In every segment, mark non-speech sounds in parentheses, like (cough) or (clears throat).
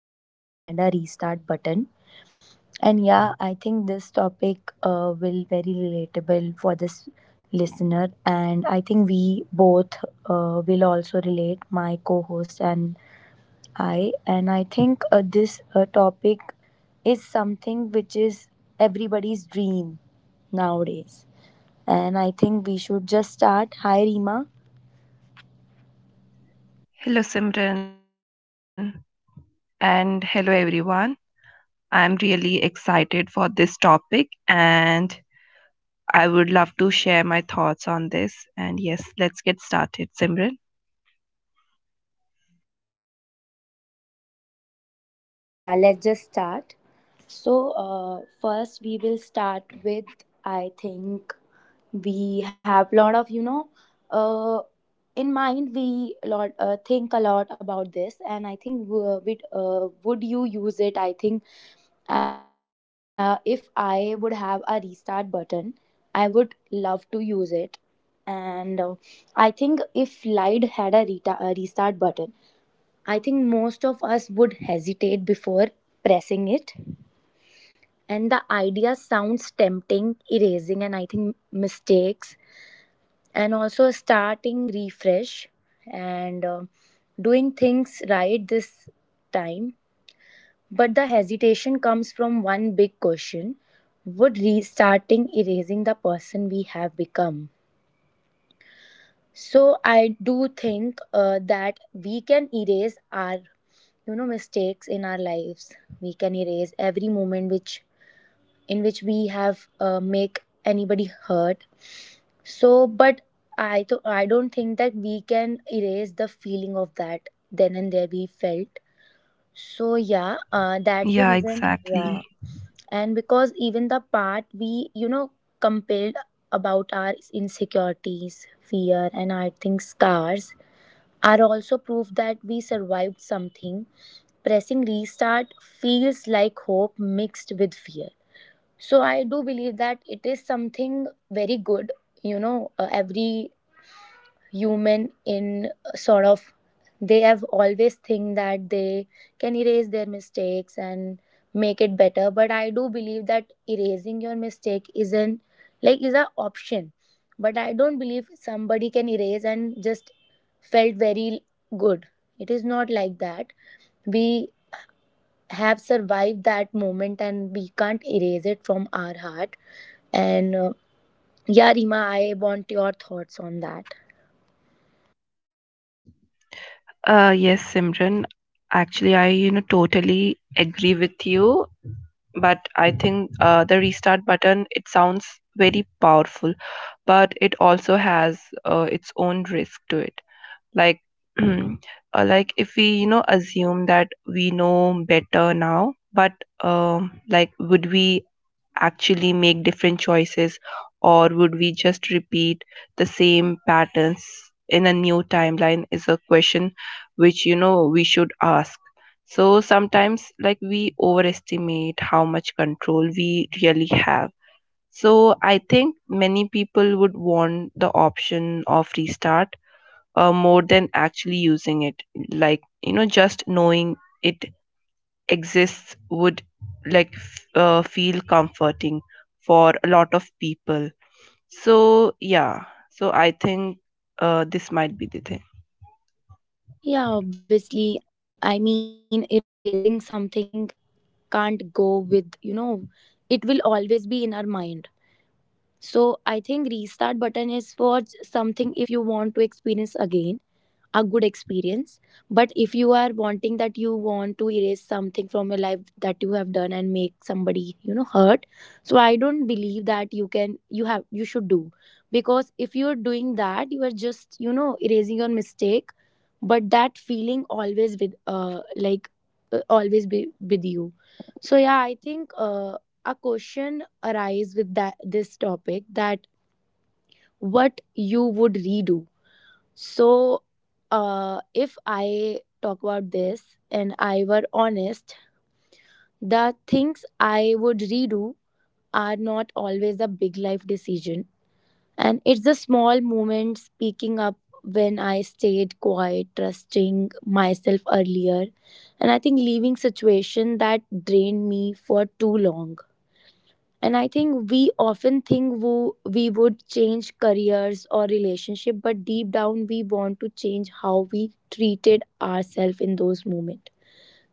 if life had a restart button. And yeah, I think this topic will very relatable for this listener. And I think we both will also relate, my co-host and I. And I think this topic is something which is everybody's dream nowadays. And I think we should just start. Hi, Rima. Hello, Simran, and hello, everyone. I'm really excited for this topic, and I would love to share my thoughts on this. And yes, let's get started, Simran. Yeah, let's just start. So, first we will start with I think we have lot of uh, in mind we lot think a lot about this, and I think would you use it? I think if I would have a restart button, I would love to use it, and I think if Light had a restart button. I think most of us would hesitate before pressing it. And the idea sounds tempting, erasing, and I think mistakes, and also starting refresh and doing things right this time. But the hesitation comes from one big question. Would restarting erasing the person we have become? So I do think that we can erase our mistakes in our lives. We can erase every moment which in which we have make anybody hurt. So, but I don't think that we can erase the feeling of that then and there we felt. So yeah, that's the Yeah, reason. Yeah, exactly. and because even the part we compelled about our insecurities, fear, and I think scars are also proof that we survived something. Pressing restart feels like hope mixed with fear. So I do believe that it is something very good. Every human in sort of they have always think that they can erase their mistakes and make it better, but I do believe that erasing your mistake isn't like is an option, but I don't believe somebody can erase and just felt very good. It is not like that. We have survived that moment and we can't erase it from our heart, and yeah, Rima, I want your thoughts on that. Yes, Simran. Actually, I you know totally agree with you, but I think the restart button it sounds very powerful, but it also has its own risk to it, like (clears throat) like if we you know assume that we know better now. But like would we actually make different choices, or would we just repeat the same patterns in a new timeline is a question which you know we should ask. So sometimes like we overestimate how much control we really have. So I think many people would want the option of restart more than actually using it. Like, you know, just knowing it exists would like feel comforting for a lot of people. So, yeah. So I think this might be the thing. Yeah, obviously. I mean, erasing something can't go with, you know, it will always be in our mind. So I think restart button is for something if you want to experience again a good experience, but if you are wanting that you want to erase something from your life that you have done and make somebody, you know, hurt, so I don't believe that you can, you have, you should do. Because if you're doing that, you are just, you know, erasing your mistake, but that feeling always with always be with you. So yeah, I think a question arise with that this topic that what you would redo. So, if I talk about this and I were honest, the things I would redo are not always the big life decision. And it's the small moment speaking up when I stayed quiet, trusting myself earlier. And I think leaving situation that drained me for too long, and I think we often think we would change careers or relationship, but deep down we want to change how we treated ourselves in those moments.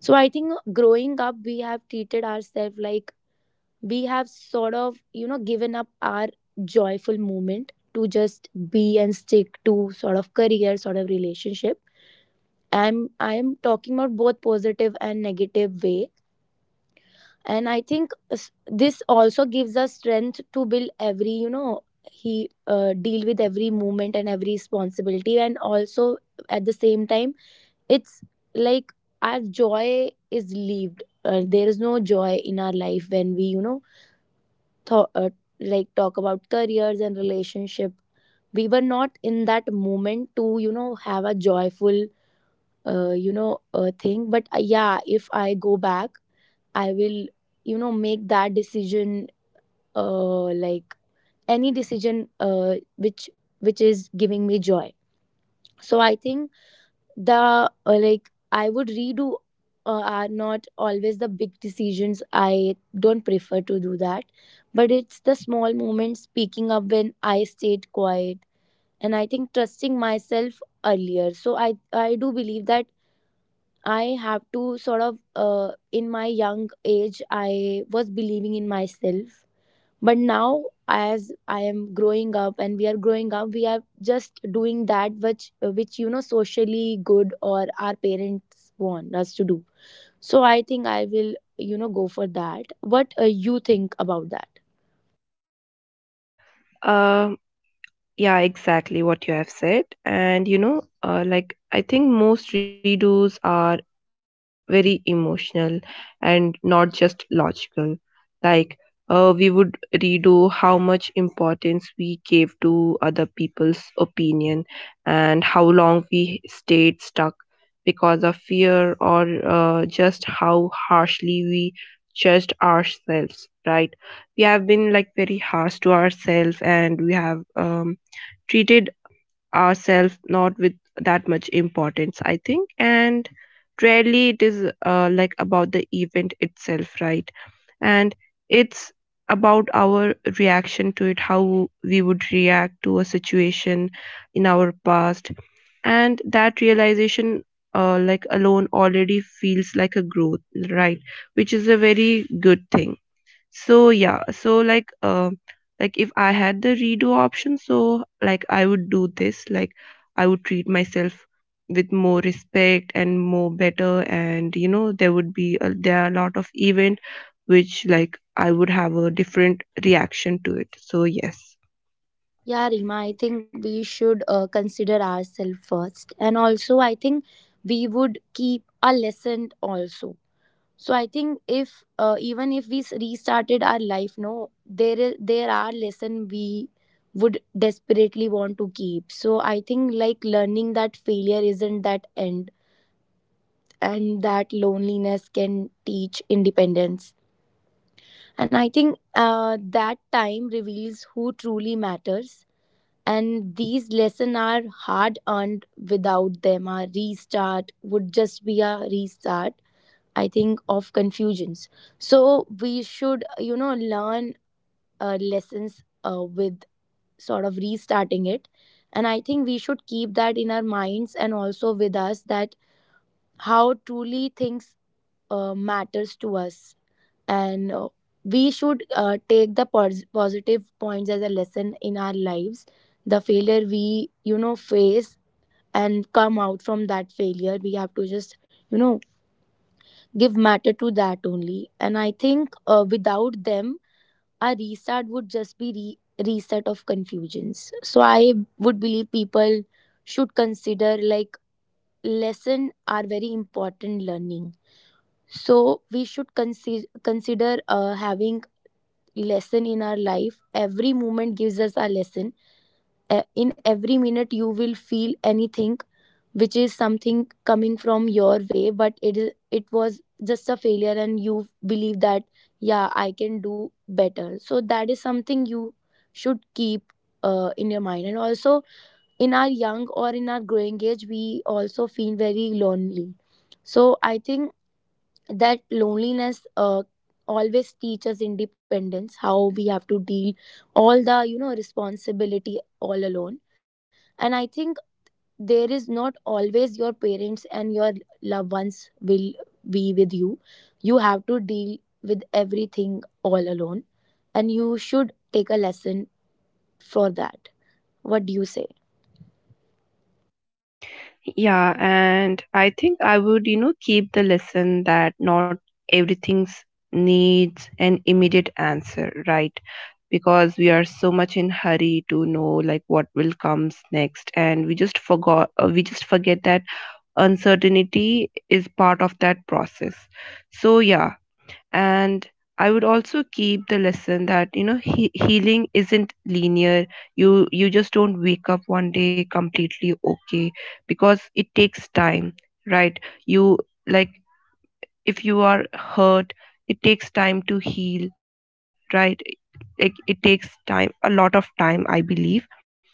So I think growing up we have treated ourselves like we have sort of, you know, given up our joyful moment to just be and stick to sort of career, sort of relationship. I am talking about both positive and negative way, and I think this also gives us strength to build every, you know, he deal with every movement and every responsibility, and also at the same time it's like our joy is leaved. There is no joy in our life when we, you know, th- uh, like talk about careers and relationship. We were not in that moment to, you know, have a joyful thing. But yeah, if I go back, I will, you know, make that decision, like any decision which is giving me joy. So I think the like I would redo are not always the big decisions. I don't prefer to do that, but it's the small moments speaking up when I stayed quiet, and I think trusting myself earlier. So I do believe that I have to sort of, in my young age I was believing in myself. But now as I am growing up and we are growing up, we are just doing that which, you know, socially good or our parents want us to do. So I think I will, you know, go for that. What you think about that? Um, Yeah, exactly what you have said. And you know, like I think most redos are very emotional and not just logical. Like, we would redo how much importance we gave to other people's opinion, and how long we stayed stuck because of fear, or just how harshly we judged ourselves, right? We have been like very harsh to ourselves, and we have treated ourselves not with that much importance, I think. And rarely it is like about the event itself, right? And it's about our reaction to it, how we would react to a situation in our past. And that realization, like alone, already feels like a growth, right? Which is a very good thing. So yeah, so like like if I had the redo option, so like I would do this. Like I would treat myself with more respect and more better, and you know there would be there are a lot of event which like I would have a different reaction to it. So yes. Yeah, Rima, I think we should consider ourselves first, and also I think we would keep a lesson also. So I think if even if we restarted our life, no, there is there are lesson we would desperately want to keep. So I think like learning that failure isn't that end, and that loneliness can teach independence. And I think that time reveals who truly matters. And these lessons are hard earned. Without them, our restart would just be a restart, I think, of confusions. So we should, you know, learn lessons with sort of restarting it. And I think we should keep that in our minds and also with us that how truly things matters to us. And we should take the positive points as a lesson in our lives. The failure we, you know, face and come out from that failure, we have to just, you know, give matter to that only. And I think without them a restart would just be reset of confusions. So I would believe people should consider like lesson are very important learning. So we should consider having lesson in our life. Every moment gives us a lesson. In every minute you will feel anything which is something coming from your way, but it is it was just a failure, and you believe that yeah I can do better. So that is something you should keep in your mind. And also in our young or in our growing age we also feel very lonely. So I think that loneliness always teaches independence, how we have to deal all the, you know, responsibility all alone. And I think there is not always your parents and your loved ones will be with you. You have to deal with everything all alone, and you should take a lesson for that. What do you say? Yeah, and I think I would, you know, keep the lesson that not everything needs an immediate answer, right? Because we are so much in hurry to know like what will comes next, and we just forget that uncertainty is part of that process. So yeah, and I would also keep the lesson that you know healing isn't linear. You just don't wake up one day completely okay, because it takes time, right? You, like, if you are hurt, it takes time to heal, right? Like, it takes time, a lot of time, I believe.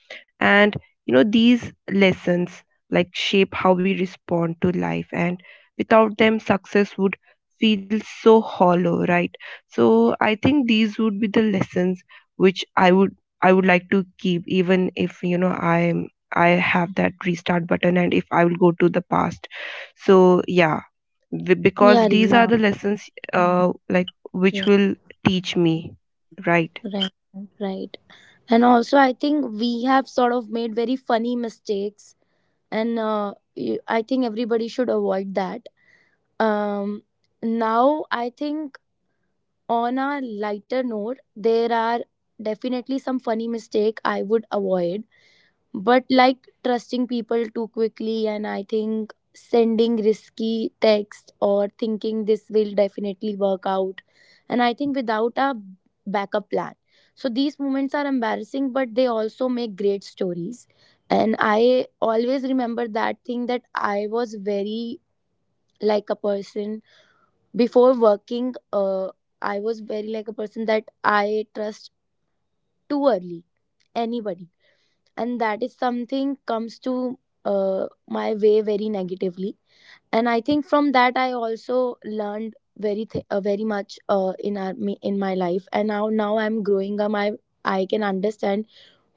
And you know these lessons like shape how we respond to life, and without them success would feel so hollow, right? So I think these would be the lessons which I would like to keep, even if you know I have that restart button and if I will go to the past. So yeah, because Yeah, these Rima. are the lessons like Yeah. which will teach me, right? Right. Right. And also I think we have sort of made very funny mistakes, and I think everybody should avoid that. um, Now I think on a lighter note there are definitely some funny mistake I would avoid, but like trusting people too quickly, and I think sending risky text or thinking this will definitely work out, and I think without a backup plan. So these moments are embarrassing, but they also make great stories. And I always remember that thing that I was very like a person before working, I was very like a person that I trust too early anybody, and that is something comes to my way very negatively. And I think from that I also learned very very much in our in my life. And now I'm growing up, I can understand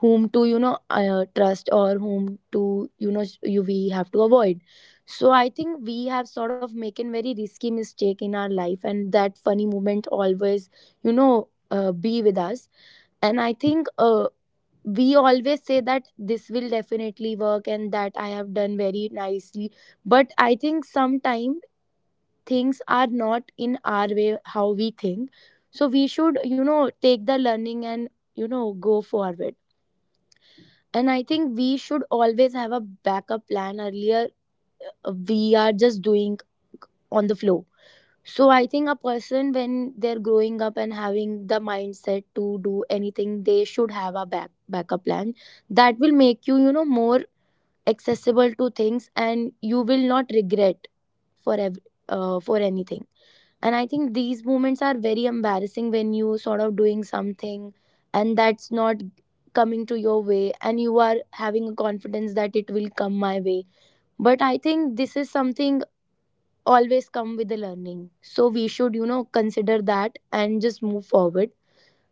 whom to, you know, trust, or whom to, you know, you we have to avoid. So I think we have sort of making very risky mistake in our life, and that funny moment always, you know, be with us. And I think we always say that this will definitely work, and that I have done very nicely. But I think sometimes things are not in our way how we think. So we should, you know, take the learning and, you know, go forward. And I think we should always have a backup plan earlier. We are just doing on the flow. So I think a person when they're growing up and having the mindset to do anything, they should have a backup plan. That will make you, you know, more accessible to things, and you will not regret for for anything. And I think these moments are very embarrassing when you sort of doing something and that's not coming to your way, and you are having a confidence that it will come my way. But I think this is something always come with the learning, so we should, you know, consider that and just move forward.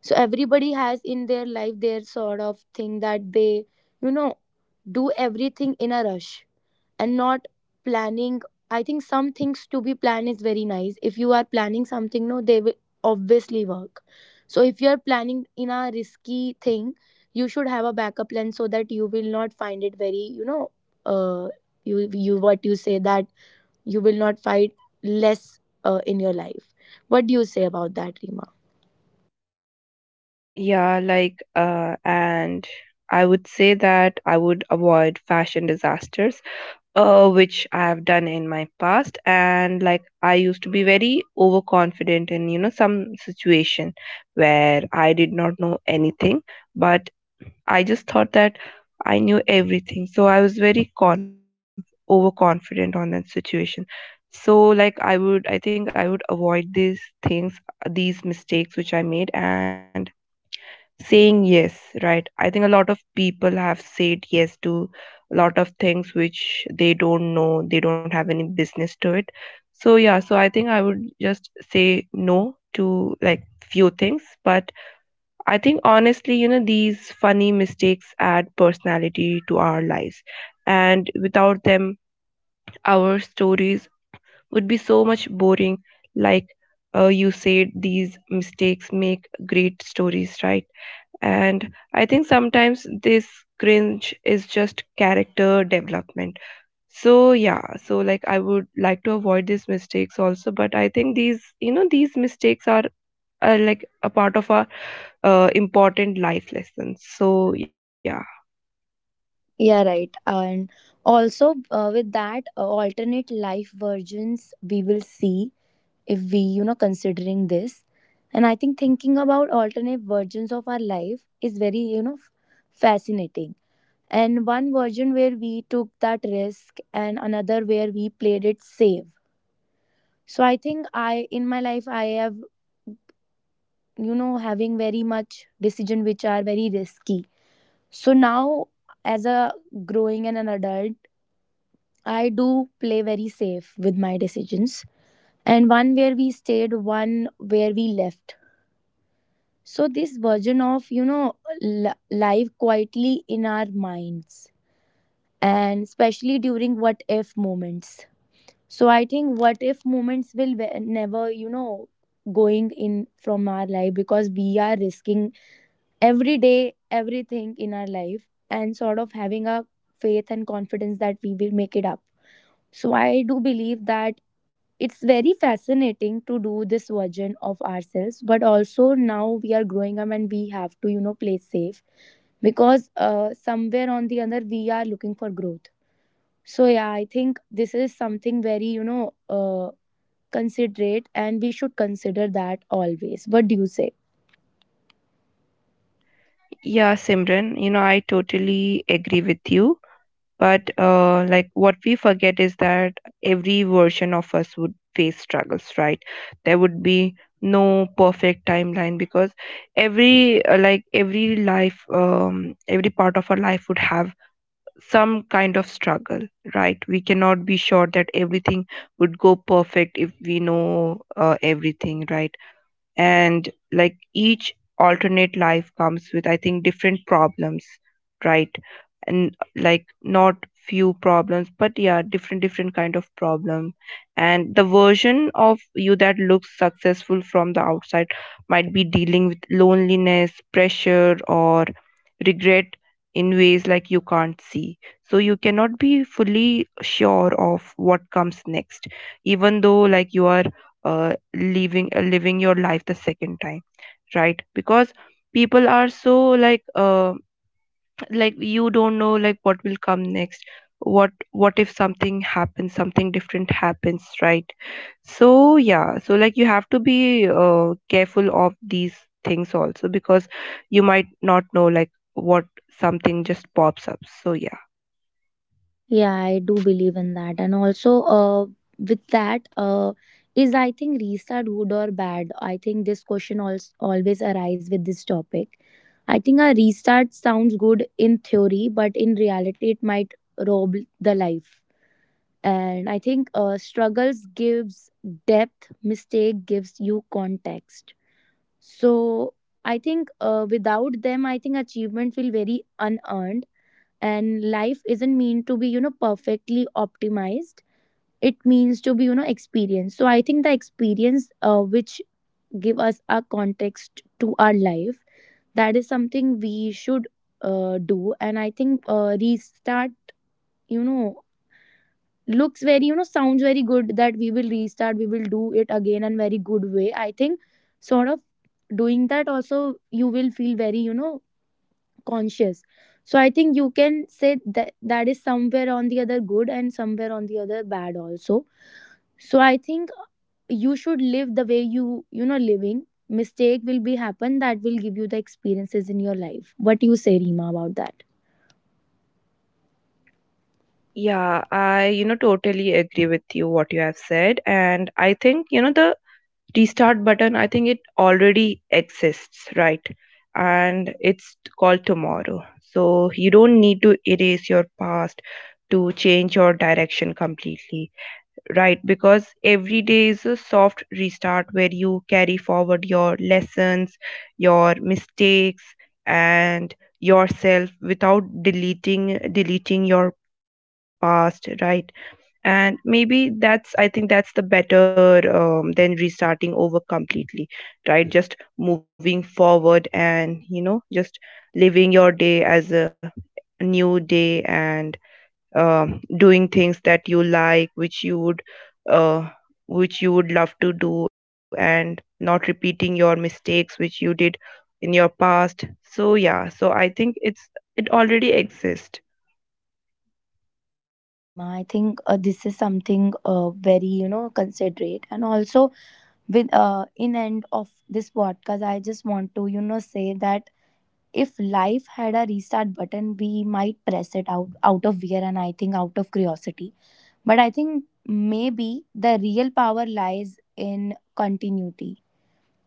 So everybody has in their life their sort of thing that they, you know, do everything in a rush and not planning. I think some things to be planned is very nice if you are planning something no they will obviously work. So if you are planning in a risky thing you should have a backup plan so that you will not find it very uh you what you say that you will not find less in your life. What do you say about that, Rima? Yeah, and I would say that I would avoid fashion disasters which I have done in my past. And like I used to be very overconfident in you know some situation where I did not know anything, but I just thought that I knew everything, so I was overconfident on that situation. So like I think I would avoid these things, these mistakes which I made. And saying yes, right? I think a lot of people have said yes to a lot of things which they don't know, they don't have any business to it. So yeah, so I think I would just say no to like few things. But I think honestly, you know, these funny mistakes add personality to our lives. And without them our stories would be so much boring. Like, you said these mistakes make great stories, right? And I think sometimes this cringe is just character development. So yeah, so like I would like to avoid these mistakes also, but I think these, you know, these mistakes are like a part of our important life lessons. So yeah, Yeah, right. And also, with that, alternate life versions we will see if we, you know, considering this. And I think thinking about alternate versions of our life is very, you know, fascinating. And one version where we took that risk and another where we played it safe. So I think I in my life I have, you know, having very much decision which are very risky. So now as a growing and an adult, I do play very safe with my decisions. And one where we stayed, one where we left. So this version of, you know, life quietly in our minds, and especially during what if moments. So I think what if moments will never, you know, going in from our life because we are risking every day everything in our life and sort of having a faith and confidence that we will make it up. So I do believe that it's very fascinating to do this version of ourselves, but also now we are growing up and we have to, you know, play safe because somewhere on the other we are looking for growth. So yeah, I think this is something very, you know, considerate, and we should consider that always. What do you say? yeah, Simran, you know, I totally agree with you. But like what we forget is that every version of us would face struggles, right? There would be no perfect timeline, because every like every life, every part of our life would have some kind of struggle, right? We cannot be sure that everything would go perfect if we know everything, right? And like each alternate life comes with I think different problems, right? And like not few problems, but yeah, different different kind of problem. And the version of you that looks successful from the outside might be dealing with loneliness, pressure, or regret in ways like you can't see. So you cannot be fully sure of what comes next, even though like you are living your life the second time, right? Because people are so like uh, like you don't know like what will come next. What if something happens, something different happens, right? So yeah, so like you have to be careful of these things also, because you might not know like what, something just pops up. So yeah, Yeah, I do believe in that. And also, with that, is I think restart good or bad? I think this question also always arise with this topic. I think a restart sounds good in theory, but in reality, it might rob the life. And I think struggles gives depth, mistake gives you context. So I think without them, I think achievement feel very unearned, and life isn't meant to be, you know, perfectly optimized. It means to be, you know, experienced. So I think the experience, which give us a context to our life, that is something we should do. And I think restart, you know, looks very, you know, sounds very good that we will restart, we will do it again in very good way. I think sort of doing that also, you will feel very, you know, conscious. So I think you can say that that is somewhere on the other good and somewhere on the other bad also. So I think you should live the way you, you know, living, mistake will be happen, that will give you the experiences in your life. What you say, Rima, about that? yeah, I you know totally agree with you what you have said. And I think you know the restart button I think it already exists, right? And it's called tomorrow. So you don't need to erase your past to change your direction completely, right? Because every day is a soft restart where you carry forward your lessons, your mistakes, and yourself without deleting your past, right? And maybe that's I think that's the better than restarting over completely, right? Just moving forward, and you know just living your day as a new day, and doing things that you like, which you would, uh, which you would love to do, and not repeating your mistakes which you did in your past. So yeah, so I think it's, it already exists. Yeah, right, Rima. I think this is something very, you know, considerate. And also, with in end of this podcast, I just want to, you know, say that if life had a restart button, we might press it out of fear, and I think out of curiosity. But I think maybe the real power lies in continuity.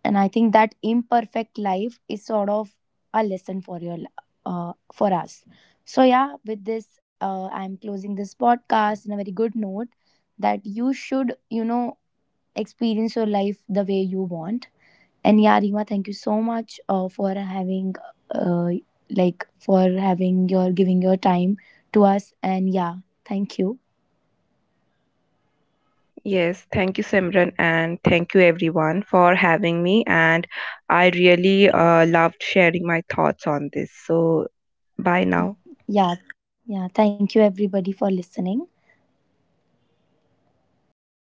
And I think that imperfect life is sort of a lesson for your for us. So yeah, with this, I'm closing this podcast in a very good note, that you should, you know, experience your life the way you want. And yeah, Rima, thank you so much for having, uh, like, for having your giving your time to us. And yeah, thank you. Yes, thank you, Simran, and thank you everyone for having me. And I really loved sharing my thoughts on this. So, bye now. Yeah, yeah, thank you everybody for listening.